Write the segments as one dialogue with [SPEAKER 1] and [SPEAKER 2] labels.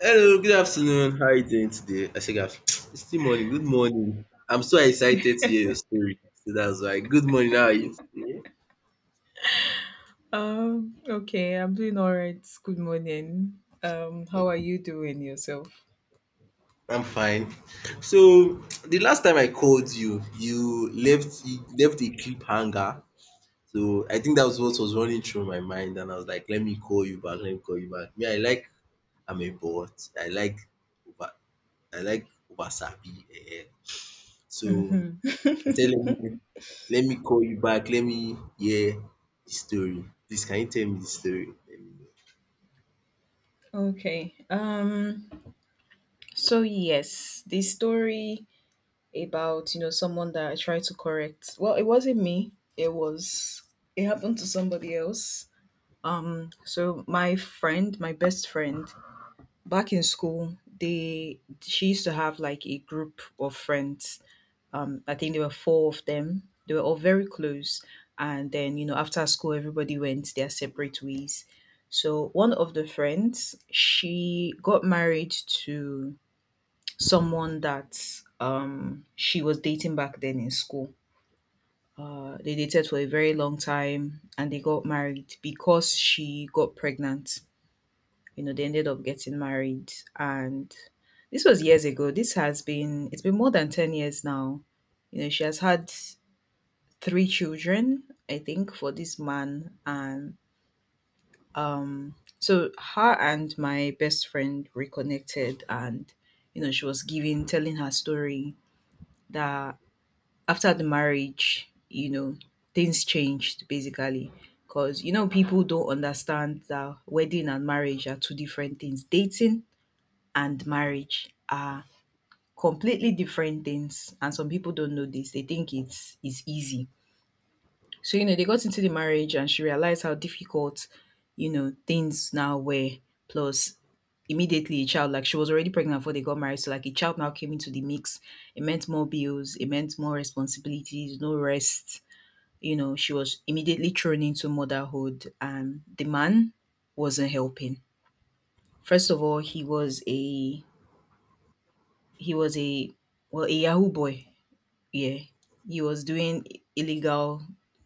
[SPEAKER 1] Hello, good afternoon. How are you doing today? I said, it's still morning. Good morning. I'm so excited to hear your story. So that's why. Good morning. How are you? Yeah.
[SPEAKER 2] Okay, I'm doing all right. Good morning. How
[SPEAKER 1] Okay.
[SPEAKER 2] are you doing yourself?
[SPEAKER 1] I'm fine. So the last time I called you, you left a cliffhanger. So I think that was what was running through my mind, and I was like, let me call you back. Let me call you back. Me, I'm a bot. Over. I like over sabi. Eh. So
[SPEAKER 2] Mhm.
[SPEAKER 1] I say let me let me call you back, let me hear the story. Please can you tell me the story? Let me
[SPEAKER 2] Okay. So yes, the story about, you know, someone that I tried to correct. Well, it wasn't me. It was it happened to somebody else. So my friend, my best friend, back in school, they she used to have like a group of friends. I think there were four of them. They were all very close. And then, you know, after school, everybody went their separate ways. So one of the friends, she got married to someone that she was dating back then in school. They dated for a very long time and they got married because she got pregnant. You know, they ended up getting married. And this was years ago. It's been more than 10 years now. You know, she has had three children, I think, for this man. And so her and my best friend reconnected, and you know, she was telling her story that after the marriage, you know, things changed basically. Because you know, people don't understand that wedding and marriage are two different things. Dating and marriage are completely different things, and some people don't know this. They think it's easy. So, you know, they got into the marriage and she realized how difficult, you know, things now were. Plus, immediately a child, like she was already pregnant before they got married. So, like a child now came into the mix. It meant more bills, it meant more responsibilities, no rest. You know, she was immediately thrown into motherhood and the man wasn't helping. First of all, he was a well, a Yahoo boy, yeah, he was doing illegal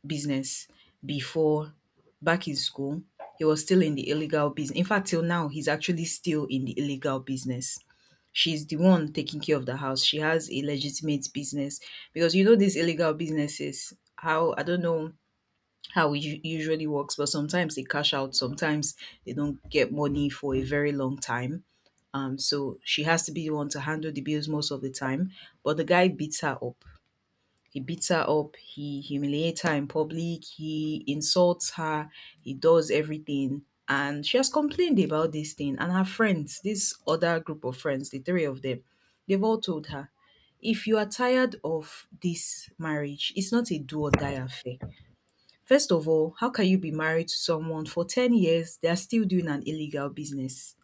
[SPEAKER 2] business before back in school. He was still in the illegal business. In fact, till now, he's actually still in the illegal business. She's the one taking care of the house. She has a legitimate business because you know these illegal businesses. How I don't know how it usually works, but sometimes they cash out. Sometimes they don't get money for a very long time. So she has to be the one to handle the bills most of the time. But the guy beats her up, he beats her up, he humiliates her in public, he insults her, he does everything. And she has complained about this thing. And her friends, this other group of friends, the three of them, they've all told her, if you are tired of this marriage, it's not a do or die affair. First of all, how can you be married to someone for 10 years? They are still doing an illegal business.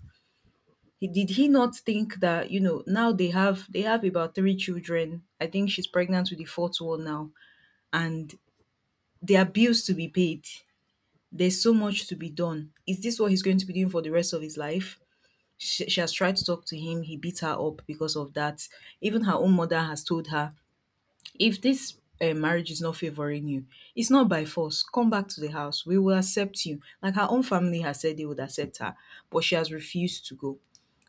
[SPEAKER 2] He, did he not think that, you know, now they have about three children. I think she's pregnant with the fourth one now. And there are bills to be paid. There's so much to be done. Is this what he's going to be doing for the rest of his life? She has tried to talk to him. He beat her up because of that. Even her own mother has told her, if this marriage is not favoring you, it's not by force. Come back to the house. We will accept you. Like her own family has said they would accept her, but she has refused to go.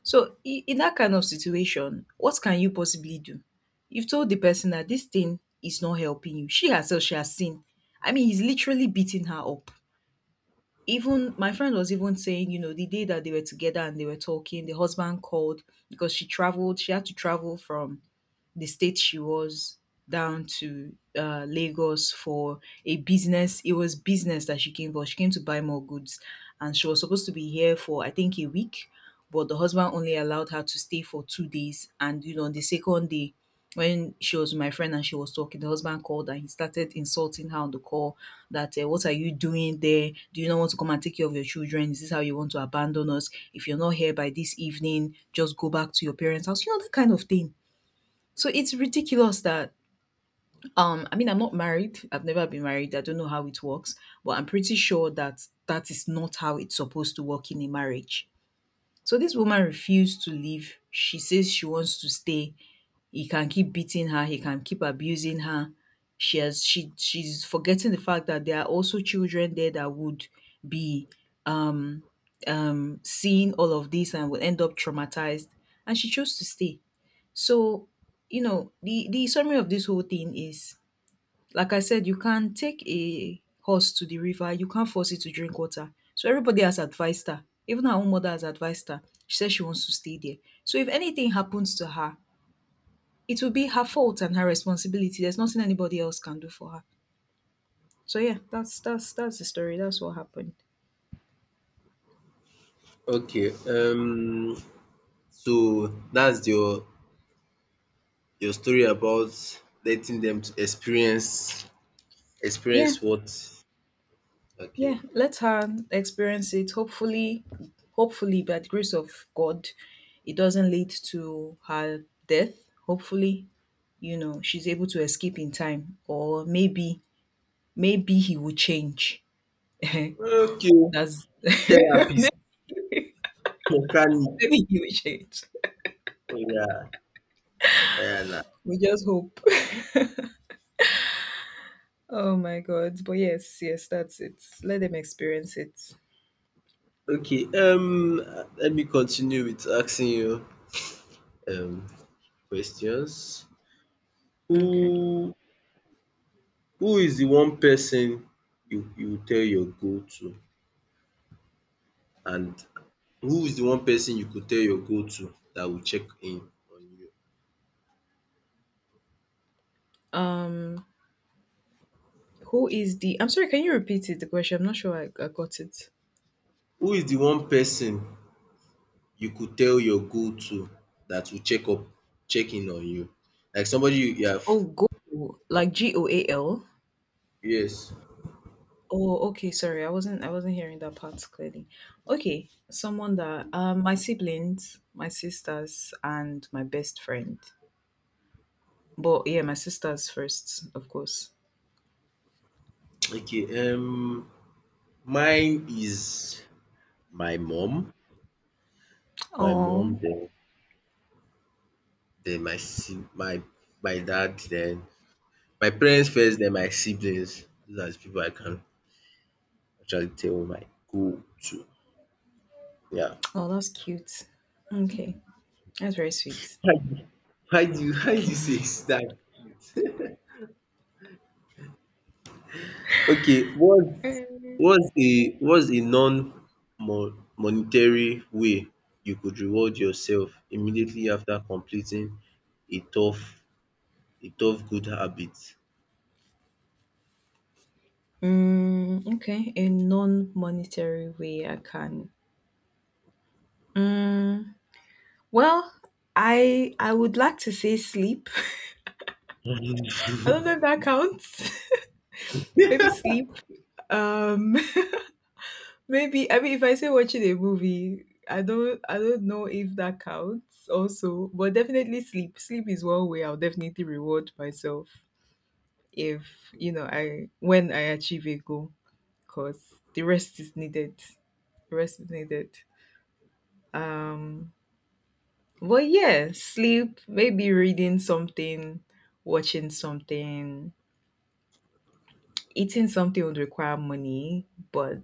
[SPEAKER 2] So in that kind of situation, what can you possibly do? You've told the person that this thing is not helping you. She herself, she has seen. I mean, he's literally beating her up. Even my friend was even saying, you know, the day that they were together and they were talking, the husband called because she traveled, she had to travel from the state she was down to Lagos for a business. It was business that she came for. She came to buy more goods, and she was supposed to be here for I think a week, but the husband only allowed her to stay for 2 days. And you know, on the second day, when she was with my friend and she was talking, the husband called and he started insulting her on the call. That what are you doing there? Do you not want to come and take care of your children? Is this how you want to abandon us? If you're not here by this evening, just go back to your parents' house. You know, that kind of thing. So it's ridiculous that I mean I'm not married. I've never been married. I don't know how it works, but I'm pretty sure that that is not how it's supposed to work in a marriage. So this woman refused to leave. She says she wants to stay. He can keep beating her, he can keep abusing her. She has she she's forgetting the fact that there are also children there that would be um seeing all of this and will end up traumatized, and she chose to stay. So, you know, the summary of this whole thing is, like I said, you can take a horse to the river, you can't force it to drink water. So, everybody has advised her. Even her own mother has advised her. She says she wants to stay there. So, if anything happens to her, it will be her fault and her responsibility. There's nothing anybody else can do for her. So, yeah, that's the story. That's what happened.
[SPEAKER 1] know. Okay, so that's your story about letting them to experience
[SPEAKER 2] Yeah.
[SPEAKER 1] experience what? Okay,
[SPEAKER 2] Yeah, let
[SPEAKER 1] yeah.
[SPEAKER 2] her experience it. Hopefully, hopefully, by the grace of God, it doesn't lead to her death. Hopefully, you know, she's able to escape in time, or maybe, maybe he will change.
[SPEAKER 1] Okay,
[SPEAKER 2] That's maybe
[SPEAKER 1] therapist, mechanic.
[SPEAKER 2] he will change.
[SPEAKER 1] Oh, yeah. Yeah. na.
[SPEAKER 2] We just hope. Oh my God. But yes, yes, that's it. Let them experience it.
[SPEAKER 1] Okay, let me continue with asking you um questions.
[SPEAKER 2] Okay.
[SPEAKER 1] Who Who is the one person you tell your go to and who is the one person you could tell your go to that will check in on you?
[SPEAKER 2] Um, who is the? I'm sorry. Can you repeat it? The question. I'm not sure I got it.
[SPEAKER 1] Who is the one person you could tell your go to that will check in on you? Like somebody you have.
[SPEAKER 2] Oh, goal, like GOAL.
[SPEAKER 1] Yes.
[SPEAKER 2] Oh, okay. Sorry, I wasn't. I wasn't hearing that part clearly. Okay, someone that my siblings, my sisters, and my best friend. But yeah, my sisters first, of course.
[SPEAKER 1] Okay. Mine is my mom. My mom
[SPEAKER 2] Oh,
[SPEAKER 1] then my dad then my parents first then my siblings. Those are the people I can actually tell my goal to. Yeah.
[SPEAKER 2] oh, that's cute. Okay, that's very sweet.
[SPEAKER 1] How do how do you say start? Okay, what's a non monetary way you could reward yourself immediately after completing a tough a tough good habit?
[SPEAKER 2] Okay, a non-monetary way I can. Mm, well, I would like to say sleep. I don't know if that counts. Maybe sleep. Um, maybe I mean if I say watching a movie, I don't know if that counts also, but definitely sleep. Sleep is one way I'll definitely reward myself if you know I when I achieve a goal because the rest is needed. The rest is needed. Um, but yeah, sleep. Maybe reading something, watching something, eating something would require money, but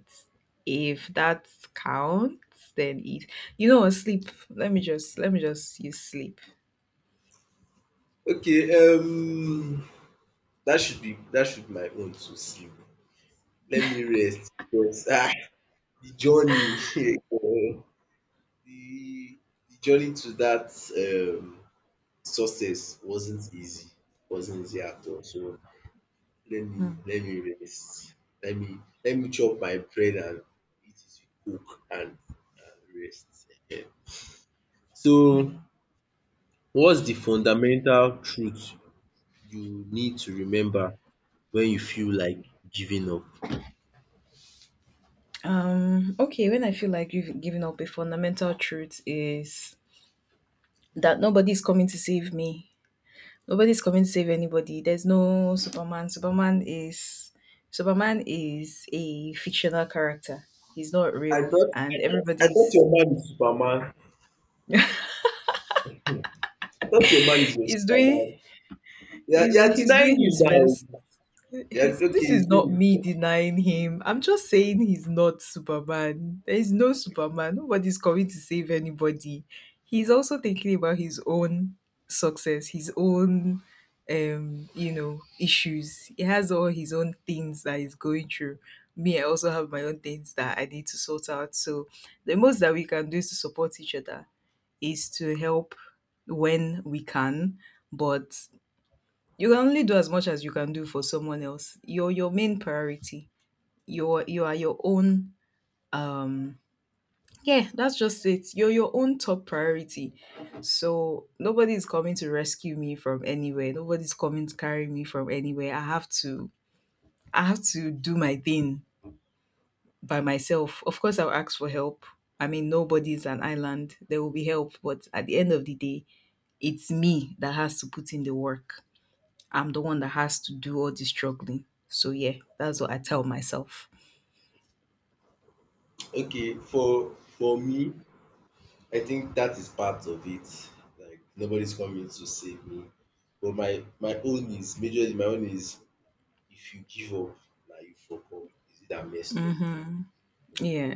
[SPEAKER 2] if that counts, then eat. You know, what, sleep. Let me just use sleep.
[SPEAKER 1] Okay, that should be my own to sleep. Let me rest because the journey eh, The the journey to that success wasn't easy at all. So let me
[SPEAKER 2] Mm.
[SPEAKER 1] let me rest. Let me let me chop my bread and eat it with coke and rest. Ehen. So what's the fundamental truth you need to remember when you feel like giving up?
[SPEAKER 2] Okay, when I feel like you've given up, a fundamental truth is that nobody's coming to save me. Nobody's coming to save anybody. There's no Superman. Superman is a fictional character. He's not
[SPEAKER 1] I
[SPEAKER 2] real,
[SPEAKER 1] thought I
[SPEAKER 2] and
[SPEAKER 1] thought I thought
[SPEAKER 2] everybody's
[SPEAKER 1] your man is Superman. I thought your man is your
[SPEAKER 2] he's doing
[SPEAKER 1] Superman. Yeah, You are you
[SPEAKER 2] he's
[SPEAKER 1] are
[SPEAKER 2] he's
[SPEAKER 1] denying
[SPEAKER 2] doing
[SPEAKER 1] him
[SPEAKER 2] his best.
[SPEAKER 1] now. You are
[SPEAKER 2] He's,
[SPEAKER 1] okay,
[SPEAKER 2] this
[SPEAKER 1] he's
[SPEAKER 2] is not
[SPEAKER 1] doing
[SPEAKER 2] me
[SPEAKER 1] it.
[SPEAKER 2] denying him. I'm just saying he's not Superman. There is no Superman. Nobody's coming to save anybody. He's also thinking about his own success, his own, you know, issues. He has all his own things that he's going through. Me, I also have my own things that I need to sort out. So the most that we can do is to support each other, is to help when we can, but you can only do as much as you can do for someone else. You're your main priority. You are your own um yeah, that's just it. You're your own top priority. So nobody is coming to rescue me from anywhere. Nobody's coming to carry me from anywhere. I have to do my thing by myself. Of course I'll ask for help. I mean nobody's an island. There will be help, but at the end of the day, it's me that has to put in the work. I'm the one that has to do all the struggling. So yeah, that's what I tell myself.
[SPEAKER 1] Okay, for me, I think that is part of it. Like nobody's coming to save me. But my own is if you give up, now you fuck up. Is it that messed up?
[SPEAKER 2] Hmm. Yeah,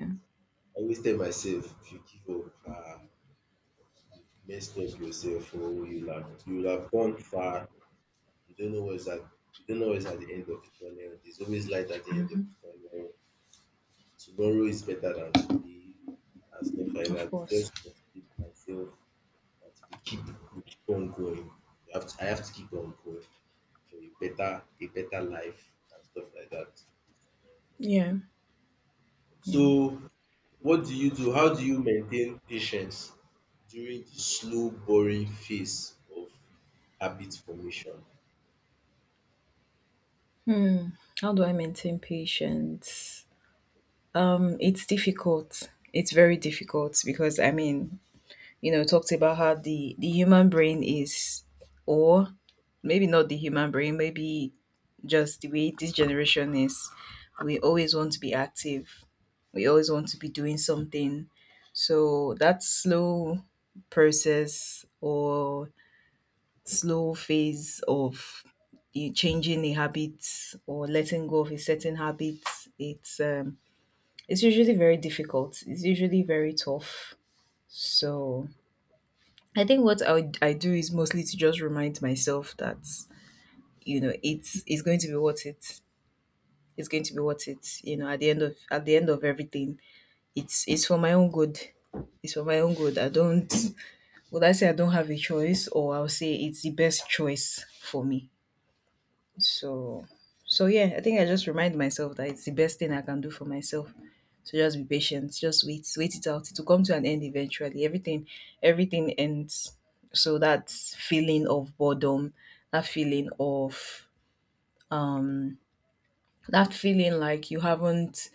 [SPEAKER 1] I always tell myself if you give up, you messed up yourself or you will have gone far. You don't know what's at the end of the tunnel. There's always light at the end of the tunnel. Tomorrow is better than today and stuff like
[SPEAKER 2] of
[SPEAKER 1] that.
[SPEAKER 2] course.
[SPEAKER 1] Just to keep myself that we keep on going. You have to, I have to keep on going for a better life and stuff like that.
[SPEAKER 2] Yeah, yeah.
[SPEAKER 1] So what do you do? How do you maintain patience during the slow, boring phase of habit formation?
[SPEAKER 2] How do I maintain patience? It's difficult. It's very difficult because I mean, you know, talked about how the human brain is, or maybe not the human brain, maybe just the way this generation is. We always want to be active, we always want to be doing something. So that slow process or slow phase of you changing a habit or letting go of a certain habit, it's um, it's usually very difficult. It's usually very tough. So I think what I do is mostly to just remind myself that you know it's going to be worth it. It's going to be worth it. You know, at the end of everything, it's for my own good. It's for my own good. I don't. Would I say I don't have a choice, or I'll say it's the best choice for me. So, so yeah, I think I just remind myself that it's the best thing I can do for myself. So just be patient, just wait it out. It will come to an end eventually. Everything ends. So that feeling of boredom, that feeling of um, that feeling like you haven't,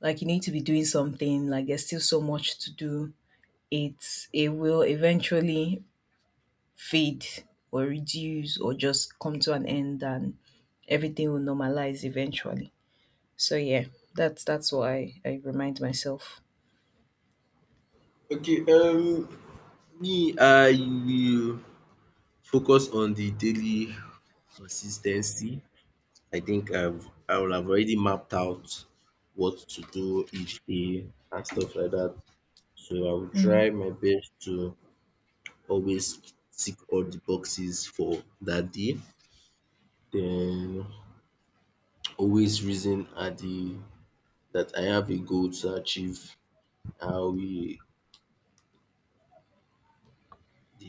[SPEAKER 2] like you need to be doing something, like there's still so much to do. It will eventually fade or reduce or just come to an end, and everything will normalize eventually. So yeah, that's what I remind myself.
[SPEAKER 1] Okay, me I will focus on the daily consistency. I think I will have already mapped out what to do each day and stuff like that. So I will try my best to always tick all the boxes for that day. Then always reason at the that I have a goal to achieve. I will the,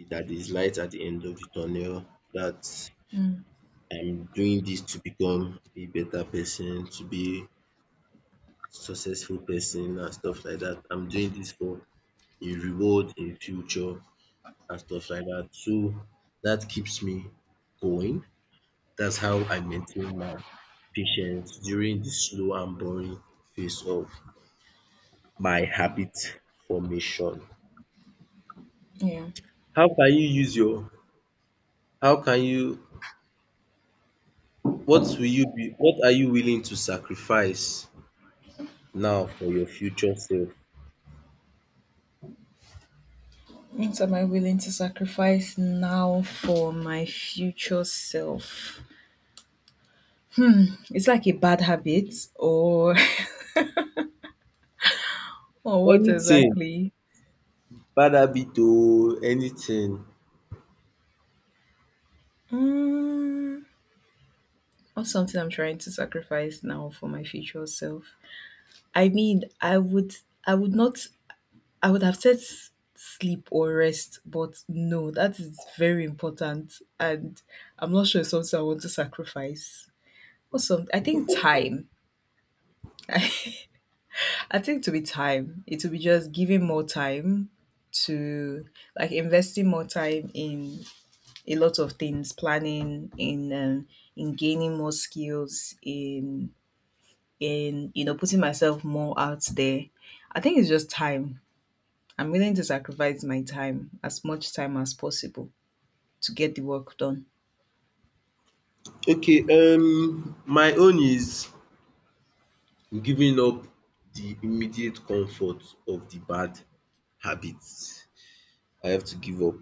[SPEAKER 1] that is light at the end of the tunnel. That
[SPEAKER 2] Mm,
[SPEAKER 1] I'm doing this to become a better person, to be successful person and stuff like that. I'm doing this for a reward in future and stuff like that. So that keeps me going. That's how I maintain my patience during the slow and boring phase of my habit formation.
[SPEAKER 2] yeah.
[SPEAKER 1] How can you use your how can you What are you willing to sacrifice now for your future self?
[SPEAKER 2] What am I willing to sacrifice now for my future self? It's like a bad habit, or or what
[SPEAKER 1] Anything
[SPEAKER 2] exactly?
[SPEAKER 1] bad habit oo anything.
[SPEAKER 2] Mm, or something I'm trying to sacrifice now for my future self. I mean, I would not, I would have said sleep or rest, but no, that is very important, and I'm not sure it's something I want to sacrifice. Awesome. I think time. I think to be time. It will be just giving more time to, like, investing more time in a lot of things, planning, in gaining more skills, in in putting myself more out there. I think it's just time. I'm willing to sacrifice my time, as much time as possible, to get the work done.
[SPEAKER 1] Okay, my own is giving up the immediate comfort of the bad habits. I have to give up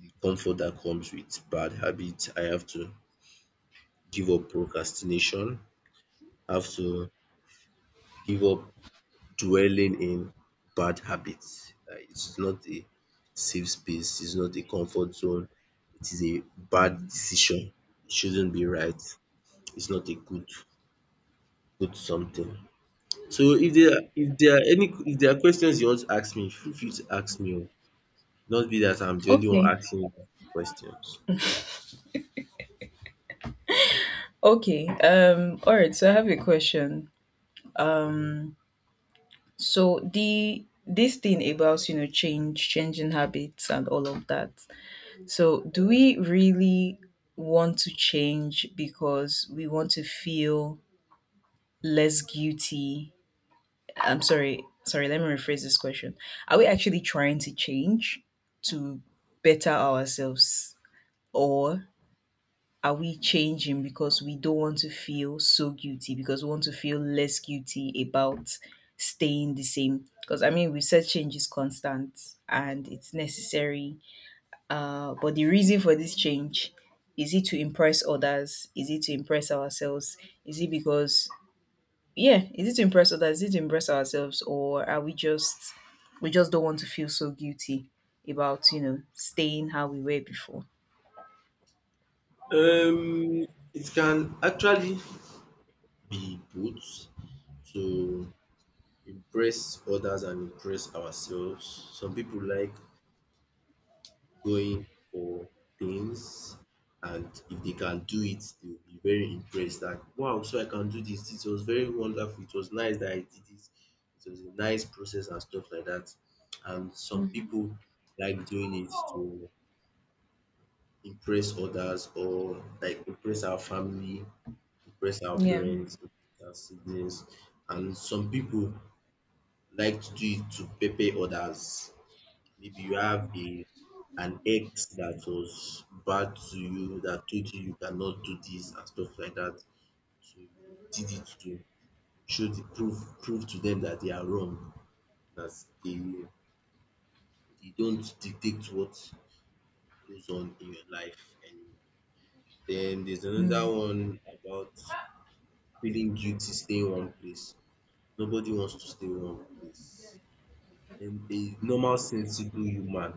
[SPEAKER 1] the comfort that comes with bad habits. I have to give up procrastination, I have to give up dwelling in bad habits. It's not a safe space, it's not a comfort zone, it is a bad decision. It shouldn't be right. It's not a good good something. So if there are any if there are questions you want to ask me, feel free to ask me. O. Not be that I'm the only one
[SPEAKER 2] Okay.
[SPEAKER 1] asking you questions. Yeah.
[SPEAKER 2] Okay. All right. So I have a question.
[SPEAKER 1] Mhm.
[SPEAKER 2] So the this thing about, you know, changing habits and all of that. So do we really want to change because we want to feel less guilty? I'm sorry, let me rephrase this question. Are we actually trying to change to better ourselves? Or are we changing because we don't want to feel so guilty, because we want to feel less guilty about staying the same? Because, I mean, we said change is constant and it's necessary. Uh, but the reason for this change, is it to impress others, is it to impress ourselves, is it because yeah is it to impress others, is it to impress ourselves, or are we just, we just don't want to feel so guilty about, you know, staying how we were before?
[SPEAKER 1] Um, it can actually be both to impress others and impress ourselves. Some people like going for things, and if they can do it, they will be very impressed. Like, wow, so I can do this. It was very wonderful. It was nice that I did this. It was a nice process and stuff like that. And some
[SPEAKER 2] Hmm.
[SPEAKER 1] people like doing it to impress others or like impress our family, impress our
[SPEAKER 2] Yeah.
[SPEAKER 1] parents, impress our siblings, and some people like to do it to pepper others. Maybe you have a an ex that was bad to you, that told you you cannot do this and stuff like that. So you did it to show the proof prove to them that they are wrong, that they they don't dictate what goes on in your life anymore. Then there's
[SPEAKER 2] Mm,
[SPEAKER 1] another one about feeling guilty staying one place. Nobody wants to stay one place. A normal sensible human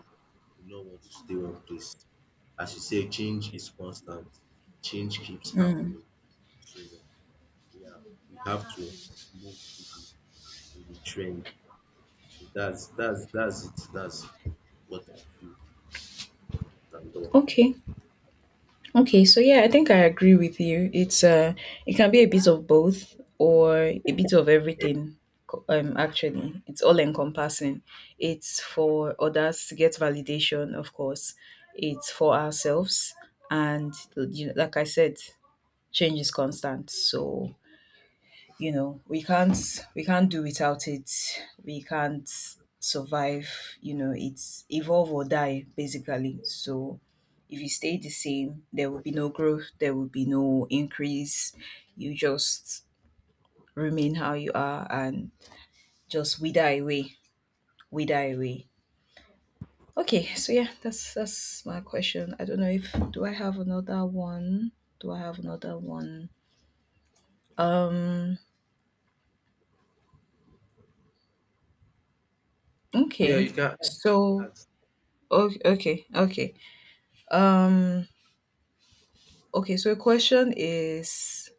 [SPEAKER 1] will not want to stay one place. As you say, change is constant. Change keeps
[SPEAKER 2] mm.
[SPEAKER 1] happening. So yeah, we have to move with the trend. So that's it. That's what I feel. Thank God.
[SPEAKER 2] Okay. Okay, so yeah, I think I agree with you. It's it can be a bit of both or a bit of everything. Actually, it's all encompassing. It's for others, to get validation, of course. It's for ourselves, and, you know, like I said, change is constant. So, you know, we can't do without it. We can't survive. You know, it's evolve or die, basically. So if you stay the same, there will be no growth, there will be no increase. You just remain how you are and just wither away. Wither away. Okay, so yeah, that's my question. I don't know if, do I have another one? Um,
[SPEAKER 1] Yeah,
[SPEAKER 2] okay,
[SPEAKER 1] you can.
[SPEAKER 2] so
[SPEAKER 1] That's
[SPEAKER 2] okay. Um, okay, so the question is,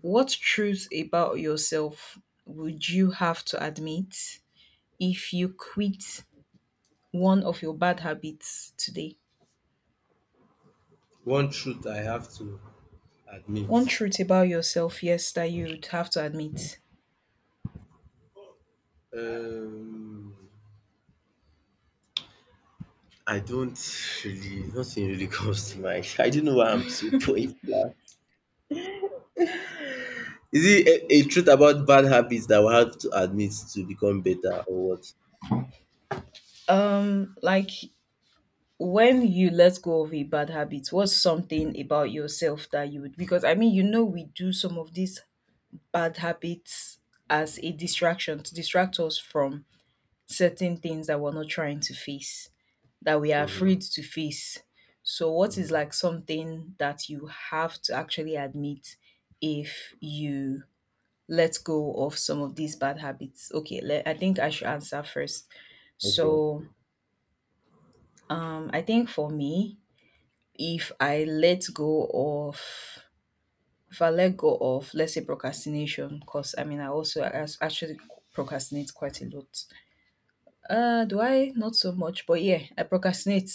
[SPEAKER 2] what truth about yourself would you have to admit if you quit one of your bad habits today?
[SPEAKER 1] one truth I have to
[SPEAKER 2] One
[SPEAKER 1] admit.
[SPEAKER 2] truth about yourself, yes, that you'd have to admit.
[SPEAKER 1] Um, I don't really nothing really comes to mind. I don't know why I'm so point blank. Is it a truth about bad habits that we have to admit to become better or what?
[SPEAKER 2] Like, when you let go of a bad habit, what's something about yourself that you would, because, I mean, you know, we do some of these bad habits as a distraction, to distract us from certain things that we're not trying to face, that we are
[SPEAKER 1] Mhm,
[SPEAKER 2] afraid to face. So, what is,
[SPEAKER 1] mhm.
[SPEAKER 2] like, something that you have to actually admit if you let go of some of these bad habits? Okay, let, I think I should answer first.
[SPEAKER 1] Okay.
[SPEAKER 2] So, I think for me, if I let go of, if I let go of let's say, procrastination, because, I mean, I also actually procrastinate quite a lot. Do I? Not so much, but yeah, I procrastinate,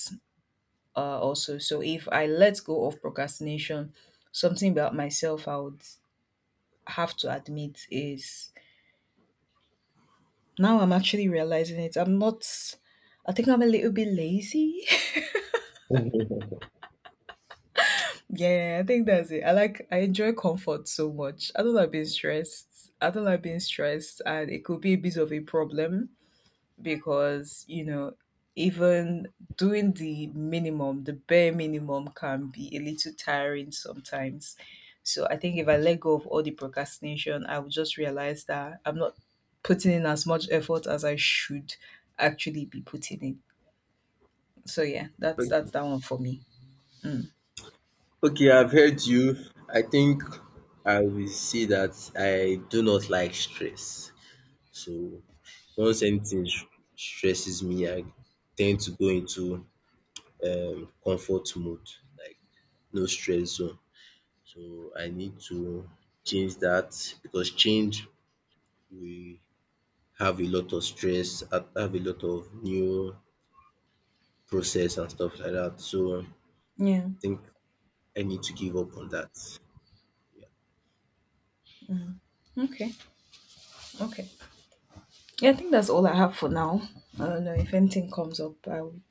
[SPEAKER 2] also. So if I let go of procrastination, something about myself I would have to admit is, now I'm actually realizing it. I'm not, I think I'm a little bit lazy. Yeah, I think that's it. I enjoy comfort so much. I don't like being stressed. I don't like being stressed, and it could be a bit of a problem, because, you know, even doing the bare minimum can be a little tiring sometimes. So I think if I let go of all the procrastination, I will just realize that I'm not putting in as much effort as I should actually be putting in. So yeah, that's that one for me.
[SPEAKER 1] Okay, I've heard you. I think I will say that I do not like stress. So once anything stresses me, I tend to go into comfort mode, like no stress zone. So I need to change that because change we have a lot of stress, have a lot of new process and stuff like that. So I
[SPEAKER 2] Yeah.
[SPEAKER 1] think I need to give up on that.
[SPEAKER 2] Okay. Okay. Yeah, I think that's all I have for now. I don't know, if anything comes up, I would,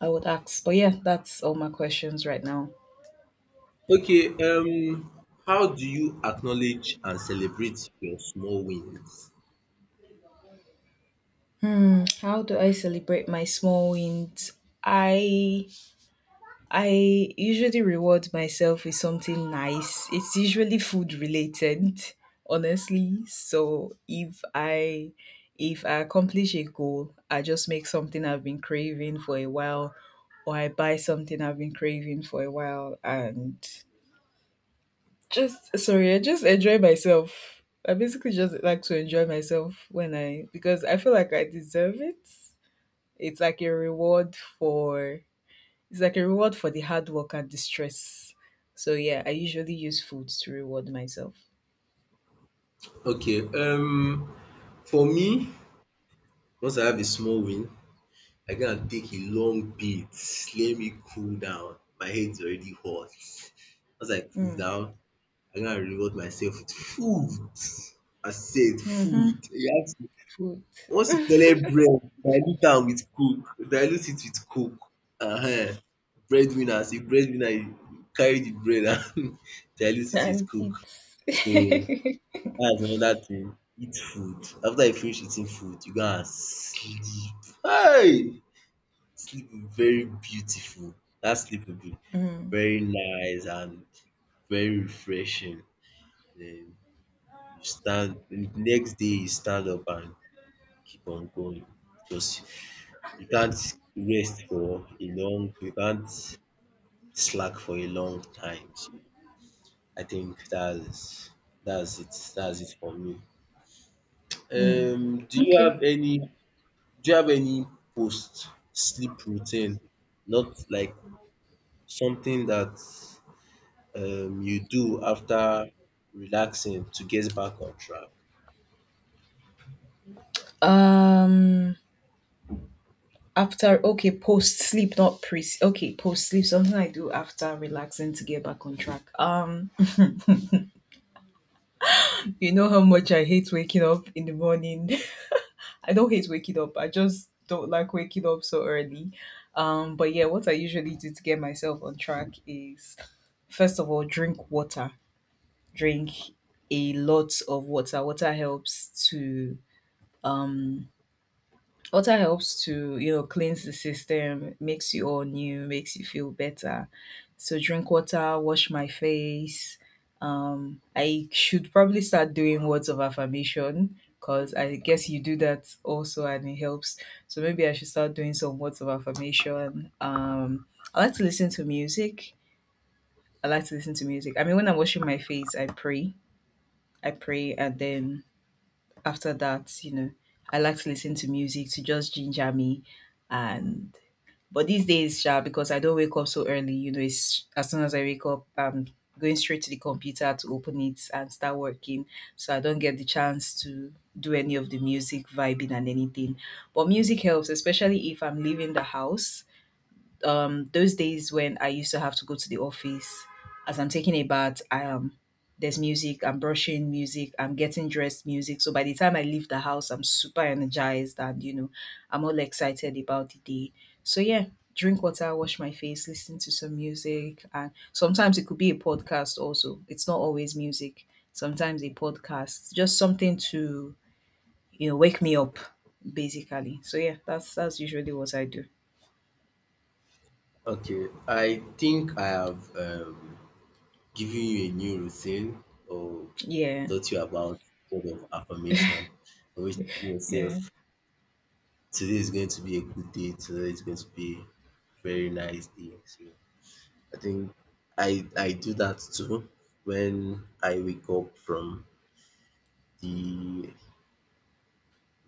[SPEAKER 2] I would ask, but yeah, that's all my questions right now.
[SPEAKER 1] Yeah. Okay, how do you acknowledge and celebrate your small wins?
[SPEAKER 2] Hmm, how do I celebrate my small wins? I I usually reward myself with something nice. It's usually food related, honestly. So if I accomplish a goal, I just make something I've been craving for a while, or I buy something I've been craving for a while, and just, sorry, I just enjoy myself. I basically just like to enjoy myself, when I, because I feel like I deserve it. it's like a reward for it's like a reward for the hard work and the stress. So yeah, I usually use food to reward myself.
[SPEAKER 1] Okay, for me, once I have a small win, I go and take a long beat. Let me cool down. My head's already hot. Once I cool
[SPEAKER 2] Mm.
[SPEAKER 1] down, I go and reward myself with food. I said
[SPEAKER 2] Hmm.
[SPEAKER 1] food. You ask me
[SPEAKER 2] Food.
[SPEAKER 1] once you collect bread, dilute am with coke, dilute it with coke. um Breadwinner, as a breadwinner you carry the bread and dilute it with
[SPEAKER 2] And
[SPEAKER 1] coke.
[SPEAKER 2] it's
[SPEAKER 1] So that's another thing. Eat food. After you finish eating food, you go and sleep. Hi! Sleep will very beautiful. That sleep will be
[SPEAKER 2] Mm,
[SPEAKER 1] very nice and very refreshing. Um you stand the next day you stand up and keep on going, because you can't you can't slack for a long time. So I think that's it, that's it for me. Do you
[SPEAKER 2] okay.
[SPEAKER 1] have any do you have any post sleep routine? Not like something that you do after relaxing to get back on track.
[SPEAKER 2] After, okay, post sleep, not pre. Okay, post sleep. Something I do after relaxing to get back on track. You know how much I hate waking up in the morning. I don't hate waking up, I just don't like waking up so early. But yeah, what I usually do to get myself on track is, first of all, drink water. Drink a lot of water. Um Water helps to, you know, cleanse the system, makes you all new, makes you feel better. So drink water, wash my face. I should probably start doing words of affirmation, because I guess you do that also and it helps. So maybe I should start doing some words of affirmation. I like to listen to music. I like to listen to music. I mean, when I'm washing my face, I pray. I pray, and then after that, you know, I like to listen to music to just ginger me. And, but these days, sha, because I don't wake up so early, you know, it's, as soon as I wake up, I'm going straight to the computer to open it and start working. So I don't get the chance to do any of the music vibing and anything. But music helps, especially if I'm leaving the house. Um, those days when I used to have to go to the office, as I'm taking a bath, I am, there's music, I'm brushing music, I'm getting dressed music. So by the time I leave the house, I'm super energized, and, you know, I'm all excited about the day. So yeah, drink water, wash my face, listen to some music, and sometimes it could be a podcast also. It's not always music. Sometimes a podcast, just something to, you know, wake me up basically. So yeah, that's usually what I do.
[SPEAKER 1] Okay, I think I have giving you a new routine, or
[SPEAKER 2] Yeah.
[SPEAKER 1] taught you about word of affirmation, always telling
[SPEAKER 2] Yeah.
[SPEAKER 1] yourself today is going to be a good day, today is going to be a very nice day. So I think I do that too when I wake up from the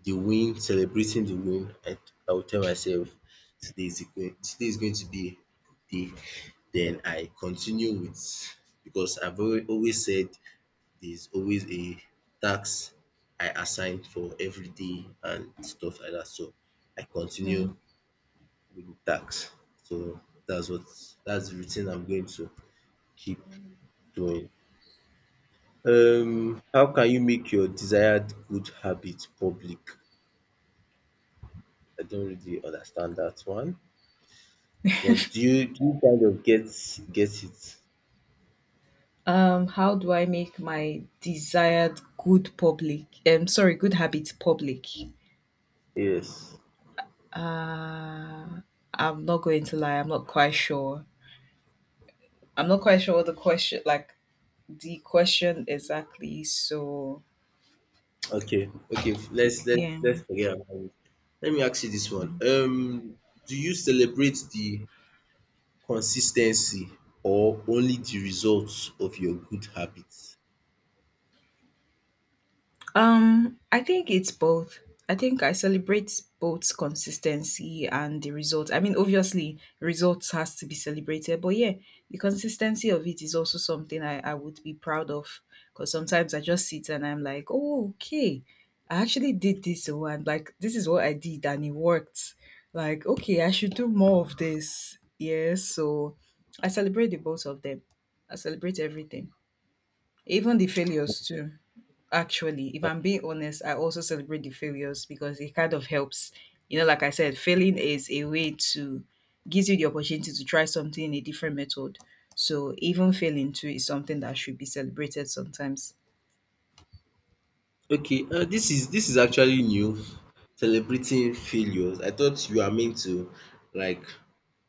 [SPEAKER 1] the win, celebrating the win. I will tell myself today is a going today is going to be a good day. Then I continue with, because always said there's always a task I assign for every day and stuff like that. So I continue
[SPEAKER 2] Yeah.
[SPEAKER 1] with the task. So that's what that's the routine I'm going to keep doing. How can you make your desired good habit public? I don't really understand that one. But do you kind of get it?
[SPEAKER 2] How do I make my desired good public? Sorry, good habit public.
[SPEAKER 1] Yes.
[SPEAKER 2] Uh, I'm not going to lie. I'm not quite sure. I'm not quite sure what the question, like the question exactly. So
[SPEAKER 1] Okay. Okay. Let's let's
[SPEAKER 2] yeah.
[SPEAKER 1] let's forget about it. Let me ask you this one. Do you celebrate the consis ten cy, or only the results of your good habits?
[SPEAKER 2] I think it's both. I think I celebrate both consistency and the result. I mean, obviously, results has to be celebrated, but yeah, the consistency of it is also something I would be proud of. Because sometimes I just sit and I'm like, oh, okay, I actually did this, oh, and, like, this is what I did, and it worked. Like, okay, I should do more of this. Yeah, so I celebrate the both of them. I celebrate everything. Even the failures too. Actually, if I'm being honest, I also celebrate the failures because it kind of helps. You know, like I said, failing is a way to gives you the opportunity to try something in a different method. So even failing too is something that should be celebrated sometimes.
[SPEAKER 1] Okay, this is actually new, celebrating failures. I thought you are meant to, like,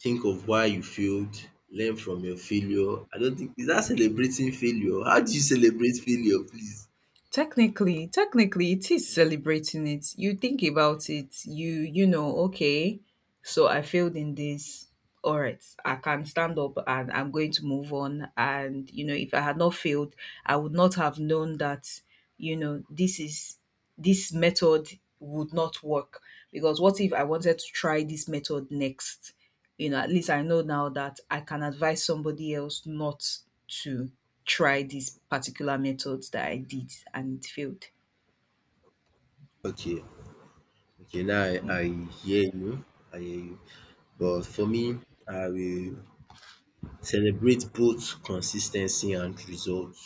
[SPEAKER 1] think of why you failed, learn from your failure. I don't think, is that celebrating failure? How do you celebrate failure, please?
[SPEAKER 2] Technically, it is celebrating it. You think about it, you know, okay, so I failed in this. All right, I can stand up and I'm going to move on. And, you know, if I had not failed, I would not have known that, you know, this, is this method would not work. Because what if I wanted to try this method next? You know, at least I know now that I can advise somebody else not to try these particular methods that I did and it failed.
[SPEAKER 1] Okay, okay, now I
[SPEAKER 2] Yeah.
[SPEAKER 1] I hear you, I hear you. But for me, I will celebrate both consistency and results.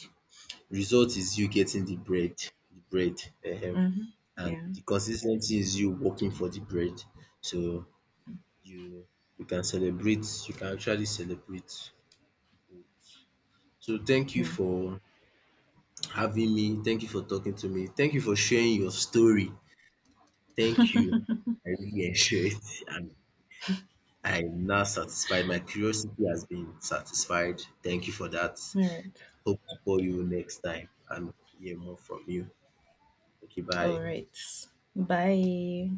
[SPEAKER 1] Result is you getting the bread, the bread um
[SPEAKER 2] Hmm.
[SPEAKER 1] and
[SPEAKER 2] Yeah.
[SPEAKER 1] the consis ten cy is you working for the bread. So you you can actually celebrate both. So thank you
[SPEAKER 2] Yeah.
[SPEAKER 1] for having me, thank you for talking to me, thank you for sharing your story. Thank you. I really enjoyed it and I am now satisfied. My curiosity has been satisfied. Thank you for that.
[SPEAKER 2] All right.
[SPEAKER 1] Hope to call you next time and hear more from you. Okay,
[SPEAKER 2] All
[SPEAKER 1] bye.
[SPEAKER 2] right. Bye.